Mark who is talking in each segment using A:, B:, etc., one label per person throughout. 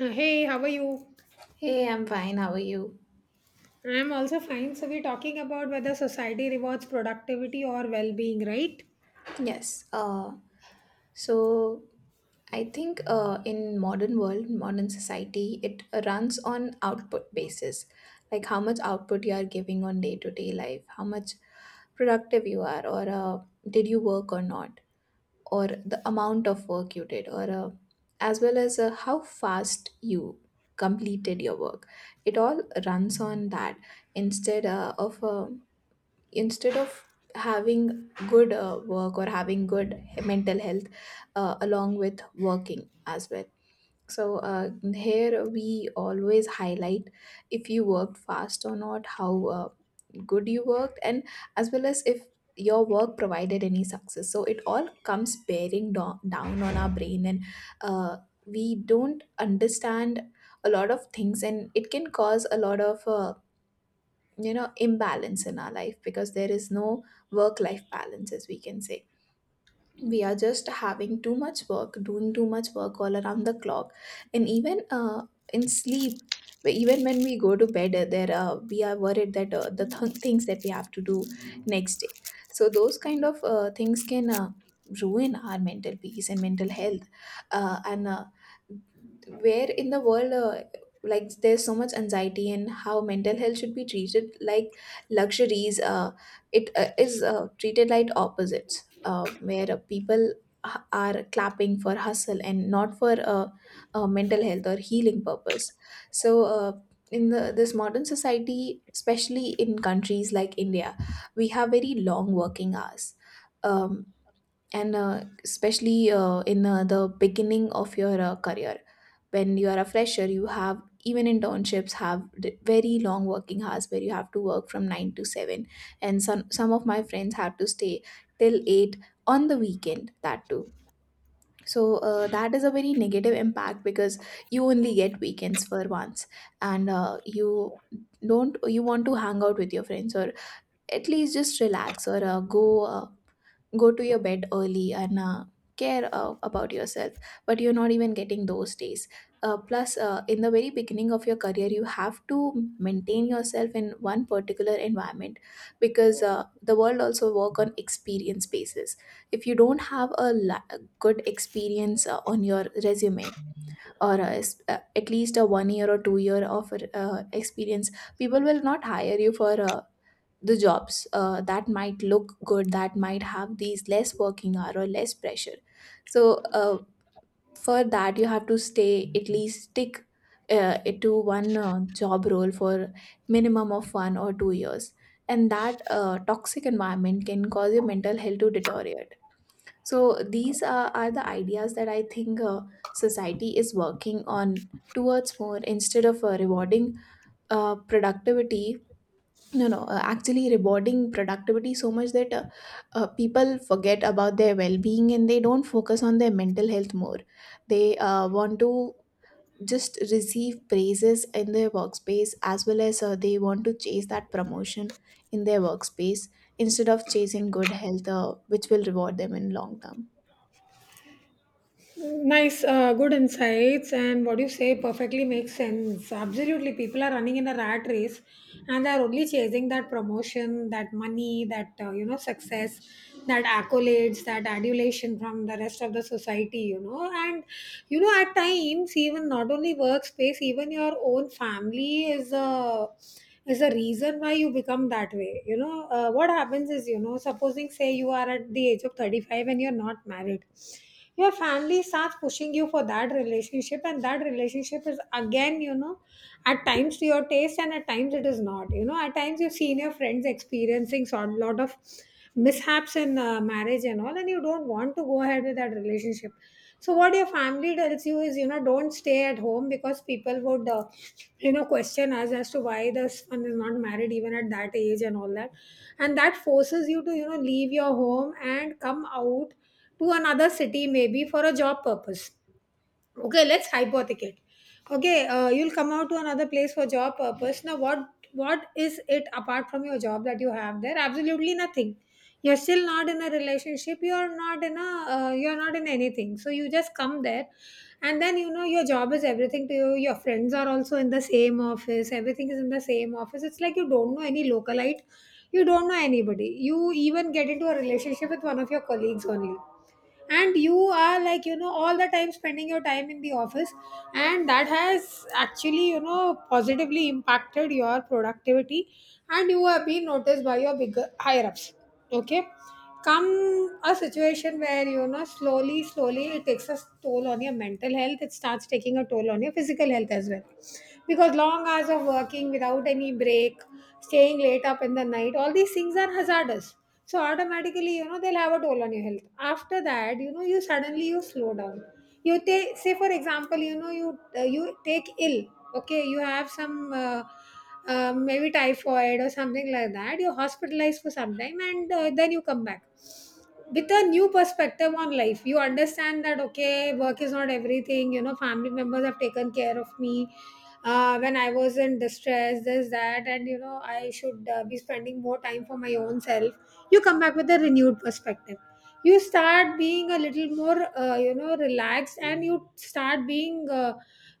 A: Hey, how are you?
B: Hey, I'm fine. How are you?
A: I'm also fine. So, we're talking about whether society rewards productivity or well being, right?
B: Yes. So I think in modern world, modern society, it runs on output basis, like how much output you are giving on day to day life, how much productive you are, or did you work or not, or the amount of work you did, or as well as how fast you completed your work. It all runs on that instead uh, of uh, instead of having good work or having good mental health along with working as well. So here we always highlight if you worked fast or not, how good you worked, and as well as if your work provided any success. So it all comes bearing down on our brain, and uh, we don't understand a lot of things, and it can cause a lot of imbalance in our life because there is no work life balance, as we can say. We are just having too much work, doing too much work all around the clock. And even in sleep, even when we go to bed, there we are worried that things that we have to do next day. So those kind of things can ruin our mental peace and mental health. And Where in the world, like, there's so much anxiety, and how mental health should be treated like luxuries, it is treated like opposites, where people are clapping for hustle and not for mental health or healing purpose. So in this modern society, especially in countries like India, we have very long working hours. Um, and Especially in the beginning of your career, when you are a fresher, you have, even internships have very long working hours, where you have to work from 9 to 7, and some of my friends had to stay till 8 on the weekend, that too. So that is a very negative impact because you only get weekends for once. And you don't, you want to hang out with your friends, or at least just relax, or go to your bed early, and care about yourself, but you're not even getting those days. Plus in the very beginning of your career, you have to maintain yourself in one particular environment because the world also work on experience basis. If you don't have a good experience on your resume, or at least a 1 year or 2 year of experience, people will not hire you for the jobs that might look good, that might have these less working hour or less pressure. So for that you have to stay, at least stick to one job role for minimum of 1 or 2 years. And that toxic environment can cause your mental health to deteriorate. So these are the ideas that I think, society is working on towards more, instead of rewarding productivity. No no Actually, rewarding productivity so much that people forget about their well-being and they don't focus on their mental health more. They want to just receive praises in their workspace, as well as they want to chase that promotion in their workspace, instead of chasing good health which will reward them in long term.
A: Nice, good insights. And what you say perfectly makes sense. Absolutely. People are running in a rat race, and they're only chasing that promotion, that money, that, success, that accolades, that adulation from the rest of the society. And, at times, even not only workspace, even your own family Uh, is the reason why you become that way. What happens is, supposing, say you are at the age of 35 and you're not married. Your family starts pushing you for that relationship, and that relationship is, again, at times to your taste and at times it is not. You know, at times you've seen your friends experiencing a lot of mishaps in marriage and all, and you don't want to go ahead with that relationship. So what your family tells you is, don't stay at home because people would question us as to why the son is not married even at that age and all that, and that forces you to leave your home and come out to another city maybe for a job purpose. Okay, let's hypothecate. Okay, you'll come out to another place for job purpose. Now what is it apart from your job that you have there? Absolutely nothing. You're still not in a relationship. You're not in anything, so you just come there. And then, your job is everything to you. Your friends are also in the same office, everything is in the same office. It's like you don't know any localite, you don't know anybody. You even get into a relationship with one of your colleagues only, and you are, like, all the time spending your time in the office. And that has actually, positively impacted your productivity, and you have been noticed by your bigger higher ups. Okay. Come a situation where, slowly slowly it takes a toll on your mental health. It starts taking a toll on your physical health as well, because long hours of working without any break, staying late up in the night, all these things are hazardous. So automatically, they'll have a toll on your health. After that, you suddenly you slow down. You take, say for example, you take ill. Okay, you have some maybe typhoid or something like that. You're hospitalized for some time, and then you come back with a new perspective on life. You understand that, okay, work is not everything. You know, family members have taken care of me when I was in distress, this, that, and, I should be spending more time for my own self. You come back with a renewed perspective. You start being a little more, relaxed, and you start being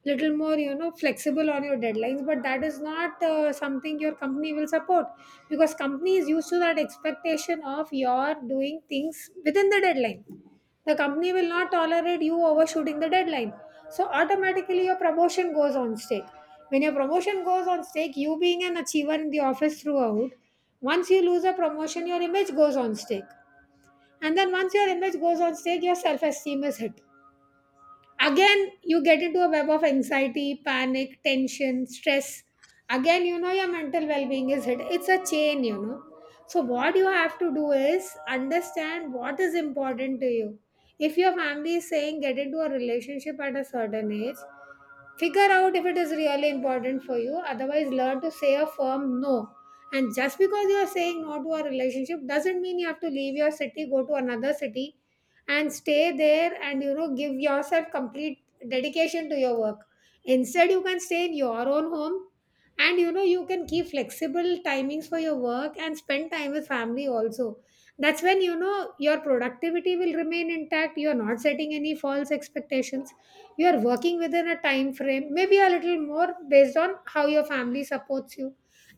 A: little more, flexible on your deadlines. But that is not something your company will support, because company is used to that expectation of your doing things within the deadline. The company will not tolerate you overshooting the deadline. So automatically your promotion goes on stake. When your promotion goes on stake, you being an achiever in the office throughout, once you lose a promotion, your image goes on stake. And then, once your image goes on stake, your self-esteem is hit. Again, you get into a web of anxiety, panic, tension, stress. Again, your mental well-being is hit. It's a chain. So what you have to do is understand what is important to you. If your family is saying get into a relationship at a certain age, figure out if it is really important for you. Otherwise, learn to say a firm no. And just because you are saying no to a relationship doesn't mean you have to leave your city, go to another city, and stay there and, give yourself complete dedication to your work. Instead, you can stay in your own home, and, you can keep flexible timings for your work and spend time with family also. That's when, your productivity will remain intact. You're not setting any false expectations. You are working within a time frame, maybe a little more based on how your family supports you.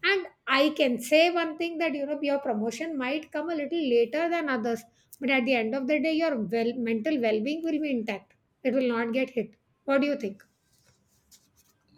A: And I can say one thing, that, your promotion might come a little later than others, but at the end of the day your well mental well-being will be intact. It will not get hit. What do you think?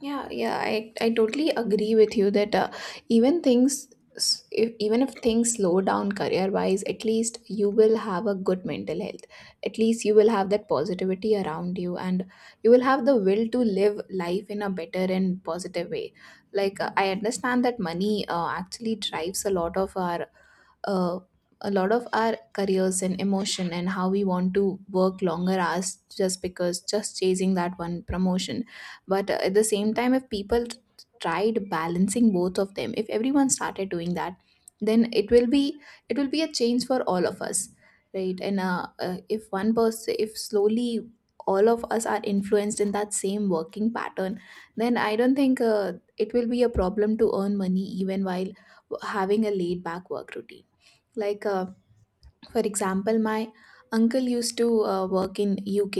B: Yeah, yeah, I totally agree with you that even things, s- if, even if things slow down career wise, at least you will have a good mental health. At least you will have that positivity around you, and you will have the will to live life in a better and positive way. Like, I understand that money actually drives a lot of our uh, a lot of our careers and emotion, and how we want to work longer hours just because, just chasing that one promotion. But at the same time, if people tried balancing both of them, if everyone started doing that, then it will be, it will be a change for all of us, right? And if one person, if slowly all of us are influenced in that same working pattern, then I don't think it will be a problem to earn money even while having a laid back work routine. Like, for example, my uncle used to work in UK.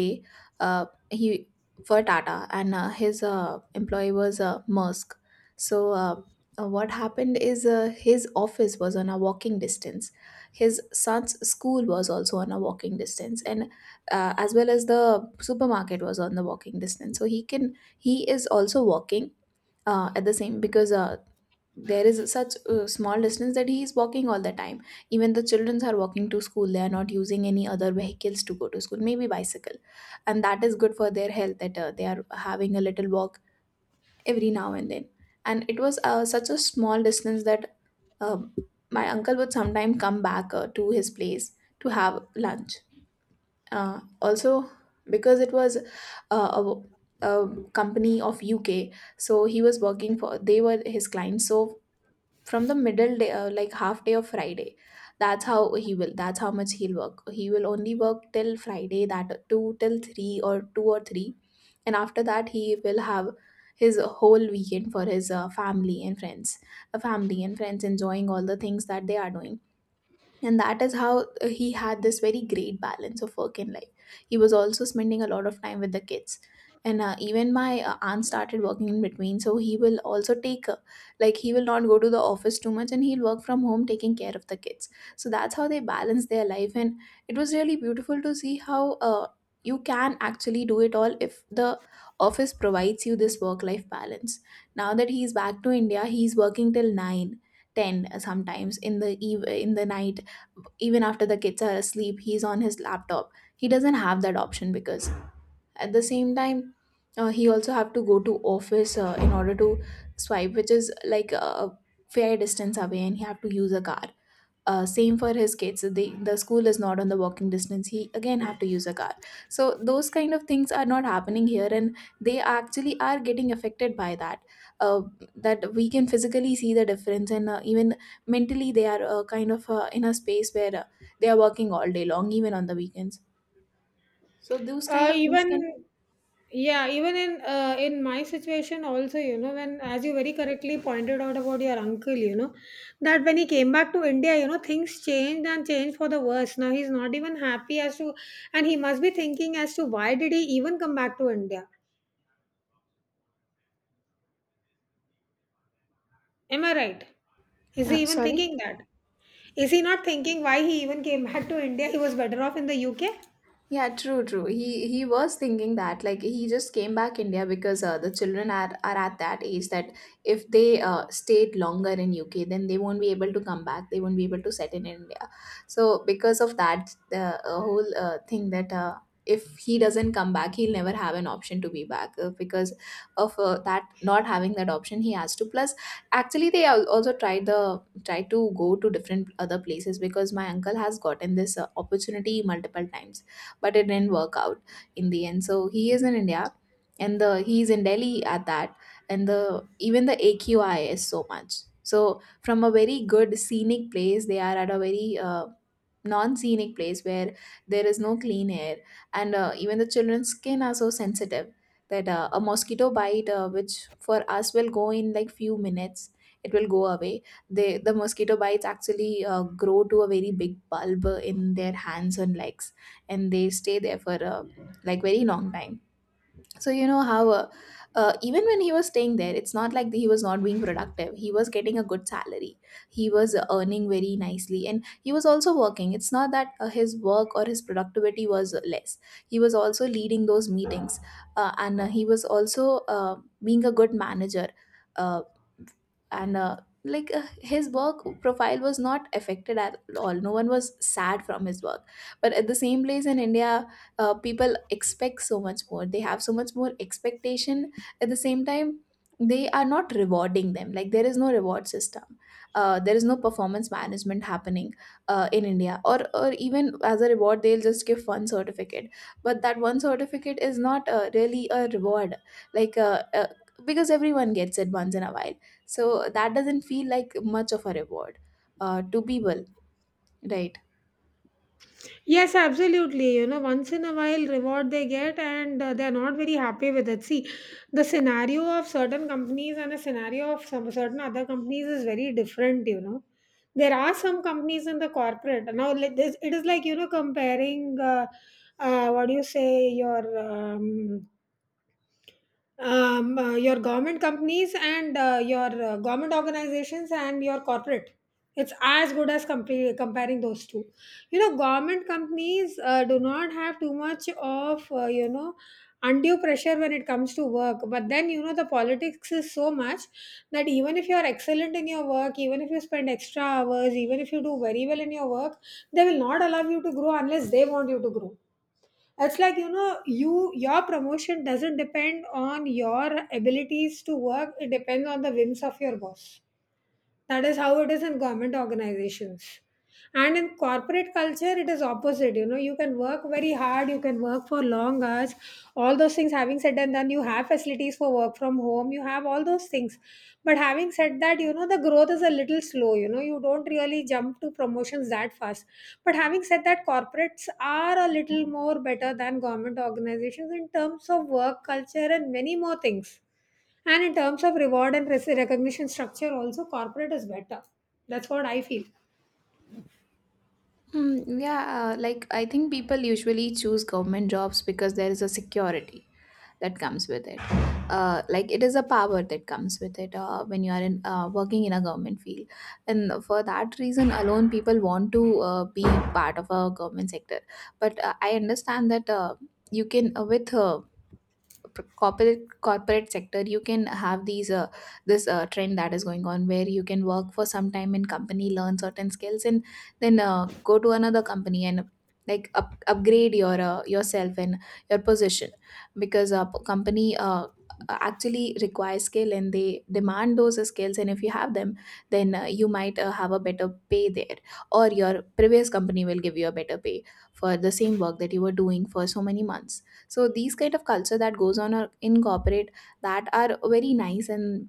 B: He, for Tata, and his employee was Maersk. So what happened is, his office was on a walking distance, his son's school was also on a walking distance, and as well as the supermarket was on the walking distance, so he is also walking at the same, because there is such a small distance that he is walking all the time. Even the children are walking to school, they are not using any other vehicles to go to school, maybe bicycle. And that is good for their health, that they are having a little walk every now and then. And it was such a small distance that, um, my uncle would sometime come back to his place to have lunch also, because it was uh, a company of UK so he was working for, they were his clients. So from the middle day, like half day of Friday, that's how he will, that's how much he'll work. He will only work till Friday, that 2 till 3 or 2 or 3, and after that he will have his whole weekend for his family and friends, a family and friends, enjoying all the things that they are doing. And that is how he had this very great balance of work and life. He was also spending a lot of time with the kids. And even my aunt started working in between, so he will also take like, he will not go to the office too much, and he'll work from home taking care of the kids. So that's how they balance their life. And it was really beautiful to see how you can actually do it all, if the office provides you this work life balance. Now that he's back to India, he's working till nine, ten 10 sometimes in the night. Even after the kids are asleep, he's on his laptop. He doesn't have that option because at the same time, he also have to go to office in order to swipe, which is like a fair distance away, and he have to use a car. Same for his kids, the school is not on the walking distance, he again have to use a car. So those kind of things are not happening here, and they actually are getting affected by that. uh, that we can physically see the difference, and even mentally they are kind of in a space where they are working all day long, even on the weekends. So those kind of things
A: Even
B: can,
A: Yeah, even in in my situation also, when, as you very correctly pointed out about your uncle, that when he came back to India, things changed, and changed for the worse. Now he's not even happy as to, and he must be thinking as to why did he even come back to India. Am I right? Is he even
B: sorry.
A: thinking that? Is he not thinking why he even came back to India? He was better off in the UK.
B: Yeah, true, true. He was thinking that, like, he just came back India because the children are at that age that if they stayed longer in UK, then they won't be able to come back. They won't be able to settle in India. So because of that, the whole thing that if he doesn't come back, he'll never have an option to be back because of that, not having that option, he has to. Plus, actually, they also tried the tried to go to different other places because my uncle has gotten this opportunity multiple times, but it didn't work out in the end. So he is in India, and the he's in Delhi at that, and the even the AQI is so much. So from a very good scenic place, they are at a very non-scenic place where there is no clean air. And even the children's skin are so sensitive that a mosquito bite, which for us will go in like few minutes, it will go away, the mosquito bites actually grow to a very big bulb in their hands and legs, and they stay there for like very long time. So you know how, even when he was staying there, it's not like he was not being productive. He was getting a good salary. He was earning very nicely, and he was also working. It's not that his work or his productivity was less. He was also leading those meetings, and he was also being a good manager. Uh, and like his work profile was not affected at all. No one was sad from his work, but at the same place in India, people expect so much more. They have so much more expectation. At the same time, they are not rewarding them. Like, there is no reward system. There is no performance management happening in India, or even as a reward they'll just give one certificate, but that one certificate is not really a reward. like uh, uh, because everyone gets it once in a while, so that doesn't feel like much of a reward to people, right?
A: Yes, absolutely. You know, once in a while, reward they get, and they're not very happy with it. See, the scenario of certain companies and the scenario of some certain other companies is very different. You know, there are some companies in the corporate now. It is like, comparing. What do you say? Your government companies, and your government organizations and your corporate, it's as good as comparing those two. You know, government companies do not have too much of undue pressure when it comes to work, but then, the politics is so much that even if you are excellent in your work, even if you spend extra hours, even if you do very well in your work, they will not allow you to grow unless they want you to grow. It's like, your promotion doesn't depend on your abilities to work. It depends on the whims of your boss. That is how it is in government organizations. And in corporate culture, it is opposite. You know, you can work very hard, you can work for long hours, all those things. Having said that, then you have facilities for work from home, you have all those things. But having said that, you know, the growth is a little slow. You know, you don't really jump to promotions that fast. But having said that, corporates are a little more better than government organizations in terms of work culture and many more things. And in terms of reward and recognition structure, also corporate is better. That's what I feel.
B: Hmm, yeah, like I think people usually choose government jobs because there is a security that comes with it. Like, it is a power that comes with it when you are in working in a government field, and for that reason alone, people want to be part of a government sector. But I understand that you can, with corporate corporate sector, you can have these this trend that is going on where you can work for some time in company, learn certain skills, and then go to another company and like upgrade your yourself and your position, because company actually requires skill and they demand those skills, and if you have them, then you might have a better pay there, or your previous company will give you a better pay for the same work that you were doing for so many months. So these kind of culture that goes on are in corporate, that are very nice, and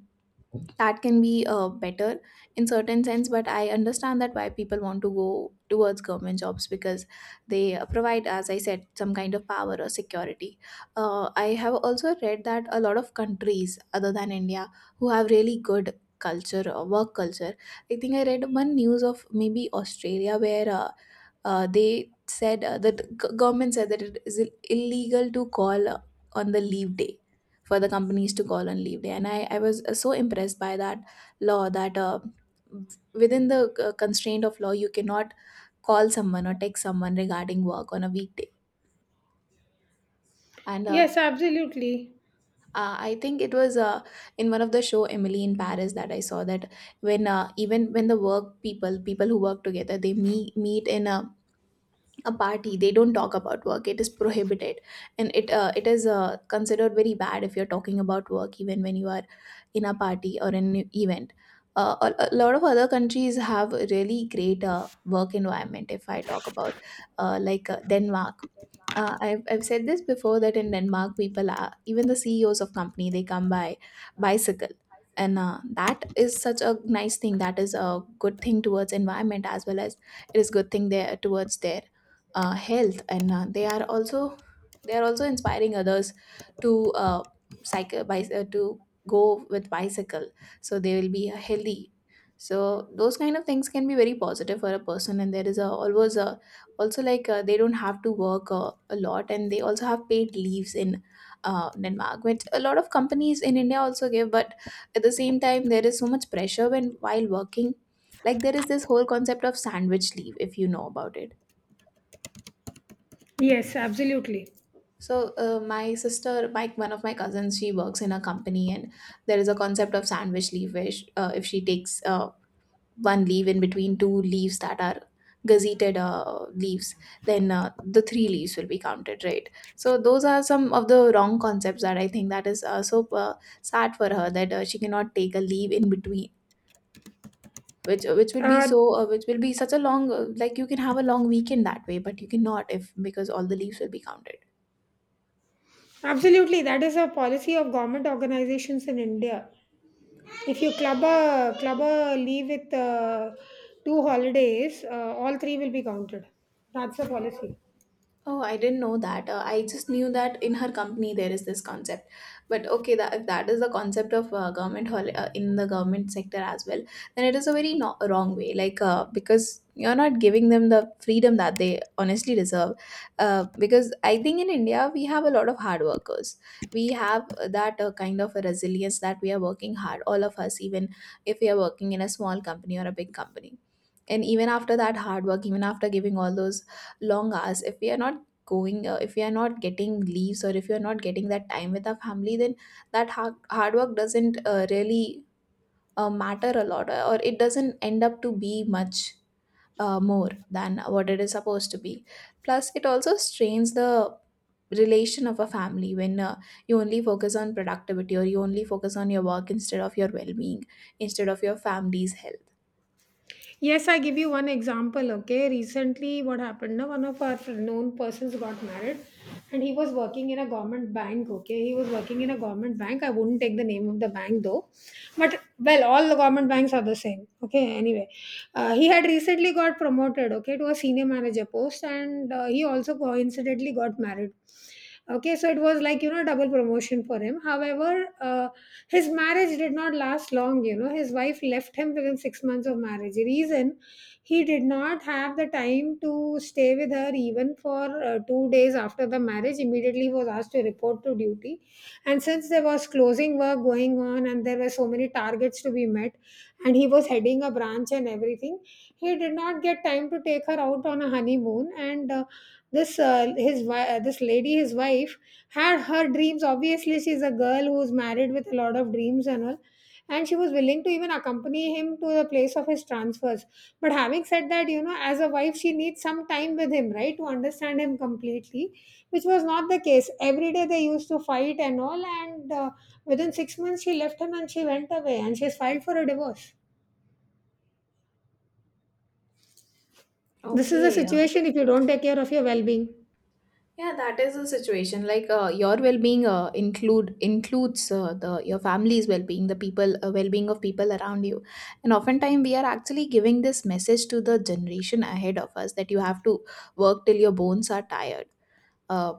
B: that can be better in certain sense. But I understand that why people want to go towards government jobs, because they provide, as I said, some kind of power or security. I have also read that a lot of countries other than India who have really good culture or work culture, I think I read one news of maybe Australia where they said that, government said that it is illegal to call on the leave day, for the companies to call on leave day. And I was so impressed by that law that within the constraint of law you cannot call someone or text someone regarding work on a weekday. And
A: Yes, absolutely.
B: I think it was in one of the show Emily in Paris that I saw that, when even when the work people who work together, they meet in a party, they don't talk about work, it is prohibited, and it is considered very bad if you're talking about work even when you are in a party or in an event. A lot of other countries have really great work environment. If I talk about, Denmark, I've said this before that in Denmark, people, are even the CEOs of company, they come by bicycle. And that is such a nice thing. That is a good thing towards environment, as well as it is good thing there towards their health. And they are also, they are also inspiring others to cycle by to go with bicycle, so they will be healthy. So those kind of things can be very positive for a person. And there is always a, also, they don't have to work a lot, and they also have paid leaves in Denmark, which a lot of companies in India also give, but at the same time there is so much pressure when, while working. Like, there is this whole concept of sandwich leave, if you know about it.
A: Yes, absolutely.
B: So my one of my cousins, she works in a company, and there is a concept of sandwich leave, where sh if she takes one leaf in between two leaves that are gazetted leaves, then the three leaves will be counted, right? So those are some of the wrong concepts that I think, that is so sad for her, that she cannot take a leave in between, which will be
A: Uh,
B: which will be such a long like, you can have a long weekend that way, but you cannot, if, because all the leaves will be counted.
A: Absolutely, that is a policy of government organizations in India. If you club a leave with two holidays, all three will be counted. That's the policy.
B: Oh, I didn't know that. I just knew that in her company there is this concept. But okay, that if that is the concept of in the government sector as well, then it is a very no- wrong way. Like, because you're not giving them the freedom that they honestly deserve. Because I think in India we have a lot of hard workers. We have that kind of a resilience, that we are working hard. All of us, even if we are working in a small company or a big company. And even after that hard work, even after giving all those long hours, if we are not going, if we are not getting leaves, or if you're not getting that time with our family, then that hard work doesn't really matter a lot, or it doesn't end up to be much more than what it is supposed to be. Plus, it also strains the relation of a family when you only focus on productivity, or you only focus on your work instead of your well-being, instead of your family's health.
A: Yes, I give you one example. Okay, recently, what happened? Now, one of our known persons got married, and he was working in a government bank. Okay, he was working in a government bank. I wouldn't take the name of the bank though, but, well, all the government banks are the same. Okay, anyway, he had recently got promoted. Okay, to a senior manager post, and he also coincidentally got married. Okay, so it was like, you know, double promotion for him. However, his marriage did not last long. You know, his wife left him within 6 months of marriage. Reason, he did not have the time to stay with her even for 2 days after the marriage. Immediately he was asked to report to duty. And since there was closing work going on and there were so many targets to be met, and he was heading a branch and everything, he did not get time to take her out on a honeymoon. And this his wi- This lady, his wife, had her dreams. Obviously she's a girl who's married with a lot of dreams and all, and she was willing to even accompany him to the place of his transfers. But having said that, you know, as a wife she needs some time with him, right, to understand him completely, which was not the case. Every day they used to fight and all, and within 6 months she left him and she went away, and she's filed for a divorce. This is the
B: Okay.
A: situation if you don't take care of your well-being.
B: Yeah, that is a situation. Like, your well-being includes the your family's well-being, the people well-being of people around you. And oftentimes we are actually giving this message to the generation ahead of us, that you have to work till your bones are tired, uh,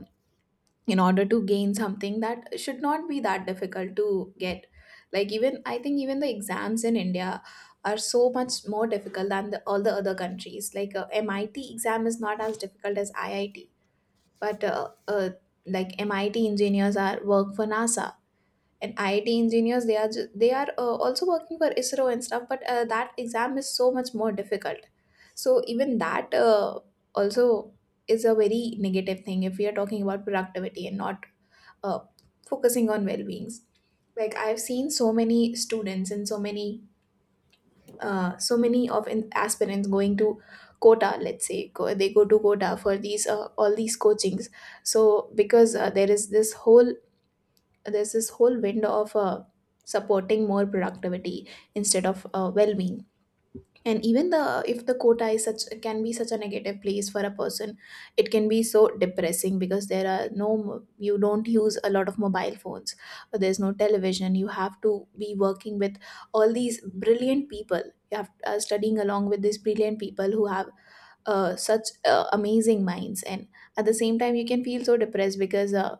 B: in order to gain something that should not be that difficult to get. Like, even I think even the exams in India are so much more difficult than all the other countries. Like, MIT exam is not as difficult as IIT, but like, MIT engineers are work for NASA, and IIT engineers, they are also working for ISRO and stuff, but that exam is so much more difficult. So even that also is a very negative thing, if we are talking about productivity and not uh, focusing on well-beings. Like, I've seen so many students and so many aspirants going to Quota. Let's say they go to Quota for these all these coachings. So because there is this whole, there's this whole window of supporting more productivity instead of well-being. And even the, if the Quota is such, can be such a negative place for a person. It can be so depressing, because there are you don't use a lot of mobile phones. There's no television. You have to be working with all these brilliant people. You have studying along with these brilliant people who have such amazing minds. And at the same time, you can feel so depressed, because uh,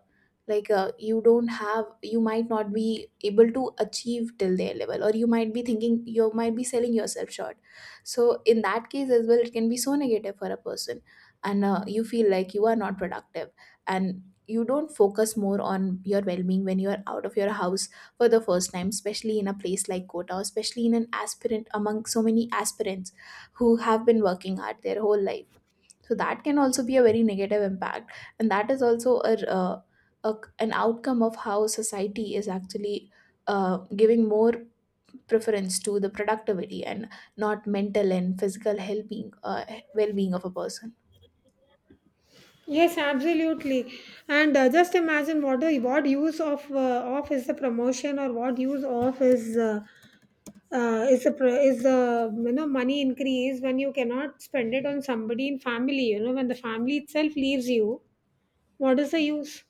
B: like uh, you don't have, you might not be able to achieve till their level, or you might be thinking you might be selling yourself short. So in that case as well it can be so negative for a person. And you feel like you are not productive, and you don't focus more on your well-being when you are out of your house for the first time, especially in a place like Kota, especially in an aspirant among so many aspirants who have been working hard their whole life. So that can also be a very negative impact. And that is also a an outcome of how society is actually giving more preference to the productivity and not mental and physical well being, well being of a person.
A: Yes, absolutely. And just imagine what use of off is the promotion, or what use of is is the money increase when you cannot spend it on somebody in family. You know, when the family itself leaves you, what is the use?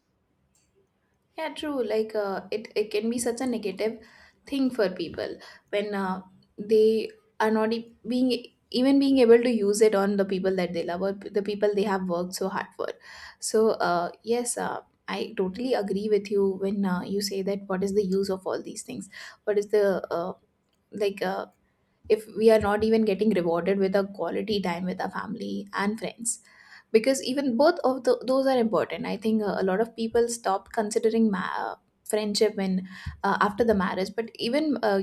B: Yeah, true. Like, it can be such a negative thing for people when they are not being able to use it on the people that they love, or the people they have worked so hard for. So yes, I totally agree with you when you say that what is the use of all these things? What is the like uh, if we are not even getting rewarded with a quality time with our family and friends? Because even those are important. I think a lot of people stop considering friendship when after the marriage, but even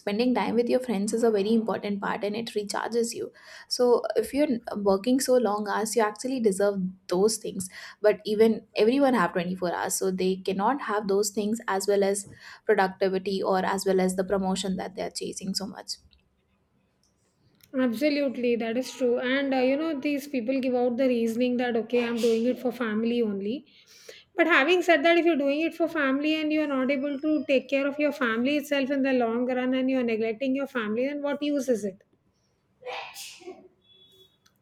B: spending time with your friends is a very important part and it recharges you. So if you're working so long hours, you actually deserve those things, but even everyone have 24 hours, so they cannot have those things as well as productivity or as well as the promotion that they are chasing so much.
A: Absolutely, that is true. And, you know, these people give out the reasoning that, okay, I'm doing it for family only. But having said that, if you're doing it for family and you're not able to take care of your family itself in the long run and you're neglecting your family, then what use is it?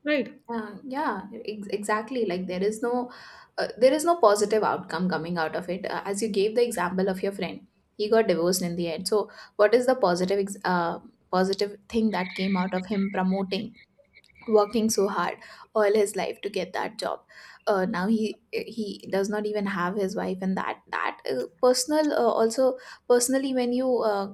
A: Right?
B: Yeah, exactly. Like there is no positive outcome coming out of it. As you gave the example of your friend, he got divorced in the end. So, what is the positive thing that came out of him promoting, working so hard all his life to get that job? Now he does not even have his wife, and that that personal also personally, when you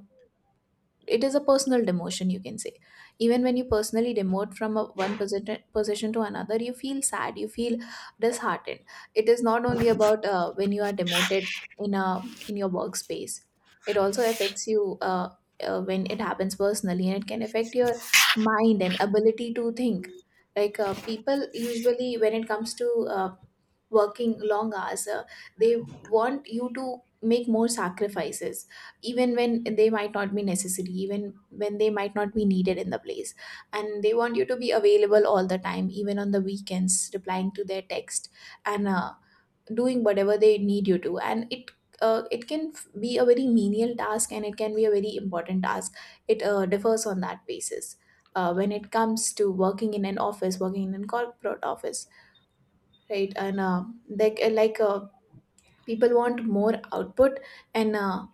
B: it is a personal demotion, you can say. Even when you personally demote from a one position to another, you feel sad, you feel disheartened. It is not only about when you are demoted in a in your workspace, it also affects you when it happens personally, and it can affect your mind and ability to think. People usually, when it comes to working long hours, they want you to make more sacrifices even when they might not be necessary, even when they might not be needed in the place. And they want you to be available all the time, even on the weekends, replying to their text, and doing whatever they need you to. And it can be a very menial task, and it can be a very important task. It differs on that basis when it comes to working in an office, working in a corporate office, right? And like like uh, people want more output, and uh,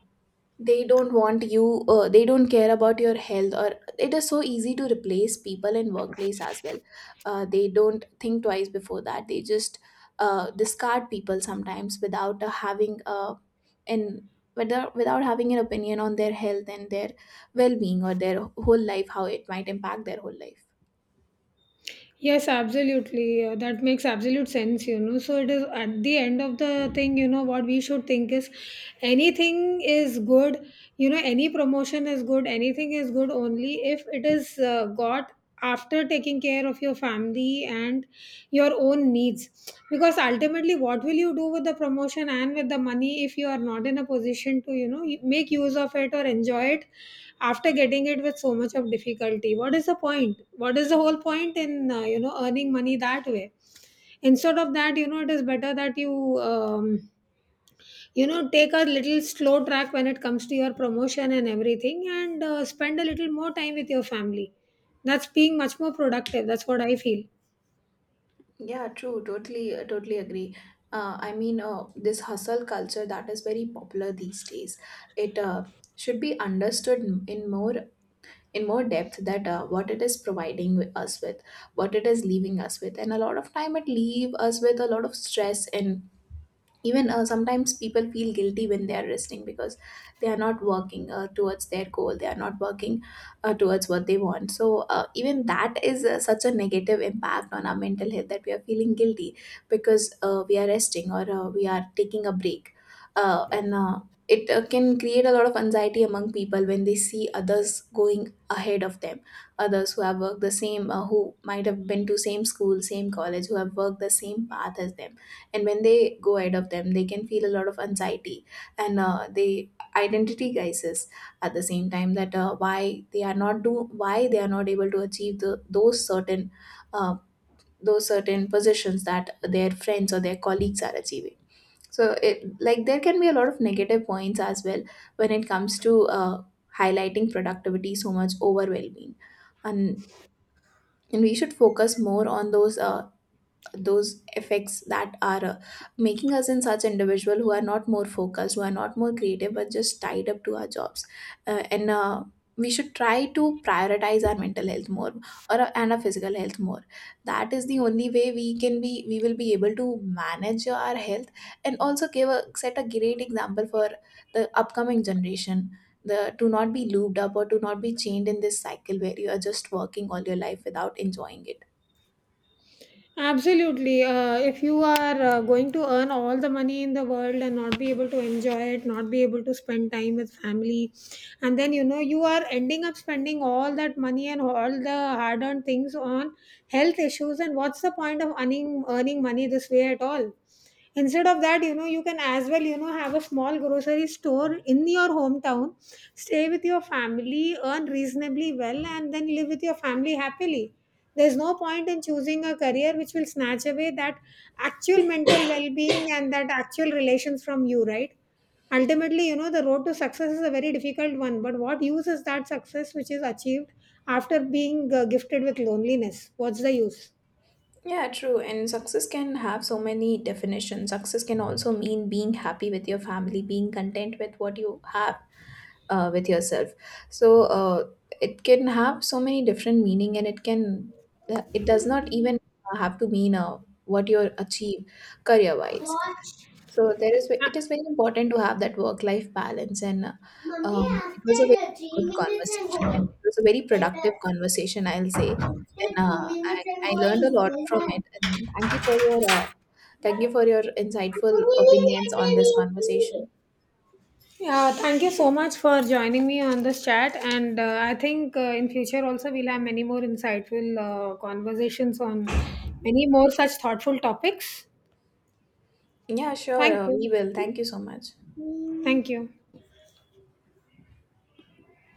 B: they don't want you uh, they don't care about your health, or it is so easy to replace people in workplace as well. They don't think twice before that. They just discard people sometimes without having an without, without having an opinion on their health and their well-being, or their whole life, how it might impact their whole life.
A: Yes, absolutely. That makes absolute sense. So it is at the end of the thing, you know, what we should think is, anything is good, any promotion is good, anything is good only if it is got after taking care of your family and your own needs. Because ultimately, what will you do with the promotion and with the money if you are not in a position to, make use of it or enjoy it? After getting it with so much of difficulty, what is the point? What is the whole point in earning money that way? Instead of that, it is better that you you know take a little slow track when it comes to your promotion and everything, and spend a little more time with your family. That's being much more productive. That's what I feel.
B: Yeah, true. Totally agree. I mean, this hustle culture that is very popular these days, it should be understood in more in more depth, that what it is providing us with, what it is leaving us with. And a lot of time it leave us with a lot of stress. And even sometimes people feel guilty when they are resting because they are not working towards their goal, they are not working towards what they want. So even that is such a negative impact on our mental health, that we are feeling guilty because we are resting, or we are taking a break. And it can create a lot of anxiety among people when they see others going ahead of them, others who have worked the same, who might have been to same school, same college, who have worked the same path as them. And when they go ahead of them, they can feel a lot of anxiety, and they identity crisis at the same time, that why they are not able to achieve uh, those certain positions that their friends or their colleagues are achieving. So it, like, there can be a lot of negative points as well when it comes to highlighting productivity so much over well-being. and and we should focus more on those effects that are making us in such individual who are not more focused, who are not more creative, but just tied up to our jobs. And we should try to prioritize our mental health more, or and our physical health more. That is the only way we can be, we will be able to manage our health, and also give a set a great example for the upcoming generation, the to not be looped up or to not be chained in this cycle where you are just working all your life without enjoying it.
A: Absolutely. If you are going to earn all the money in the world and not be able to enjoy it, not be able to spend time with family, and then, you are ending up spending all that money and all the hard earned things on health issues, and what's the point of earning money this way at all? Instead of that, you can as well, have a small grocery store in your hometown, stay with your family, earn reasonably well, and then live with your family happily. There's no point in choosing a career which will snatch away that actual mental well being and that actual relations from you, right? Ultimately, the road to success is a very difficult one, but what use is that success which is achieved after being gifted with loneliness? What's the use?
B: Yeah, true. And success can have so many definitions. Success can also mean being happy with your family, being content with what you have, with yourself. So it can have so many different meaning, and it can it does not even have to mean what you achieve career wise.
A: What?
B: So there is it is very important to have that work life balance. And
A: Mummy, after
B: it was a very
A: the three
B: good
A: minutes I'm
B: conversation, and
A: going,
B: it was a very
A: tell
B: productive
A: us.
B: conversation, I'll say.
A: After
B: And
A: two
B: I,
A: minutes I'm
B: I learned a
A: going,
B: lot from
A: tell us.
B: it. And thank you for your
A: Two
B: insightful
A: minutes
B: opinions
A: and
B: on this
A: going.
B: conversation.
A: Yeah, thank you so much for joining me on this chat. And I think in future also we'll have many more insightful conversations on many more such thoughtful topics.
B: Yeah, sure,
A: Thank
B: we
A: you.
B: will. Thank you so much.
A: Hmm. Thank you.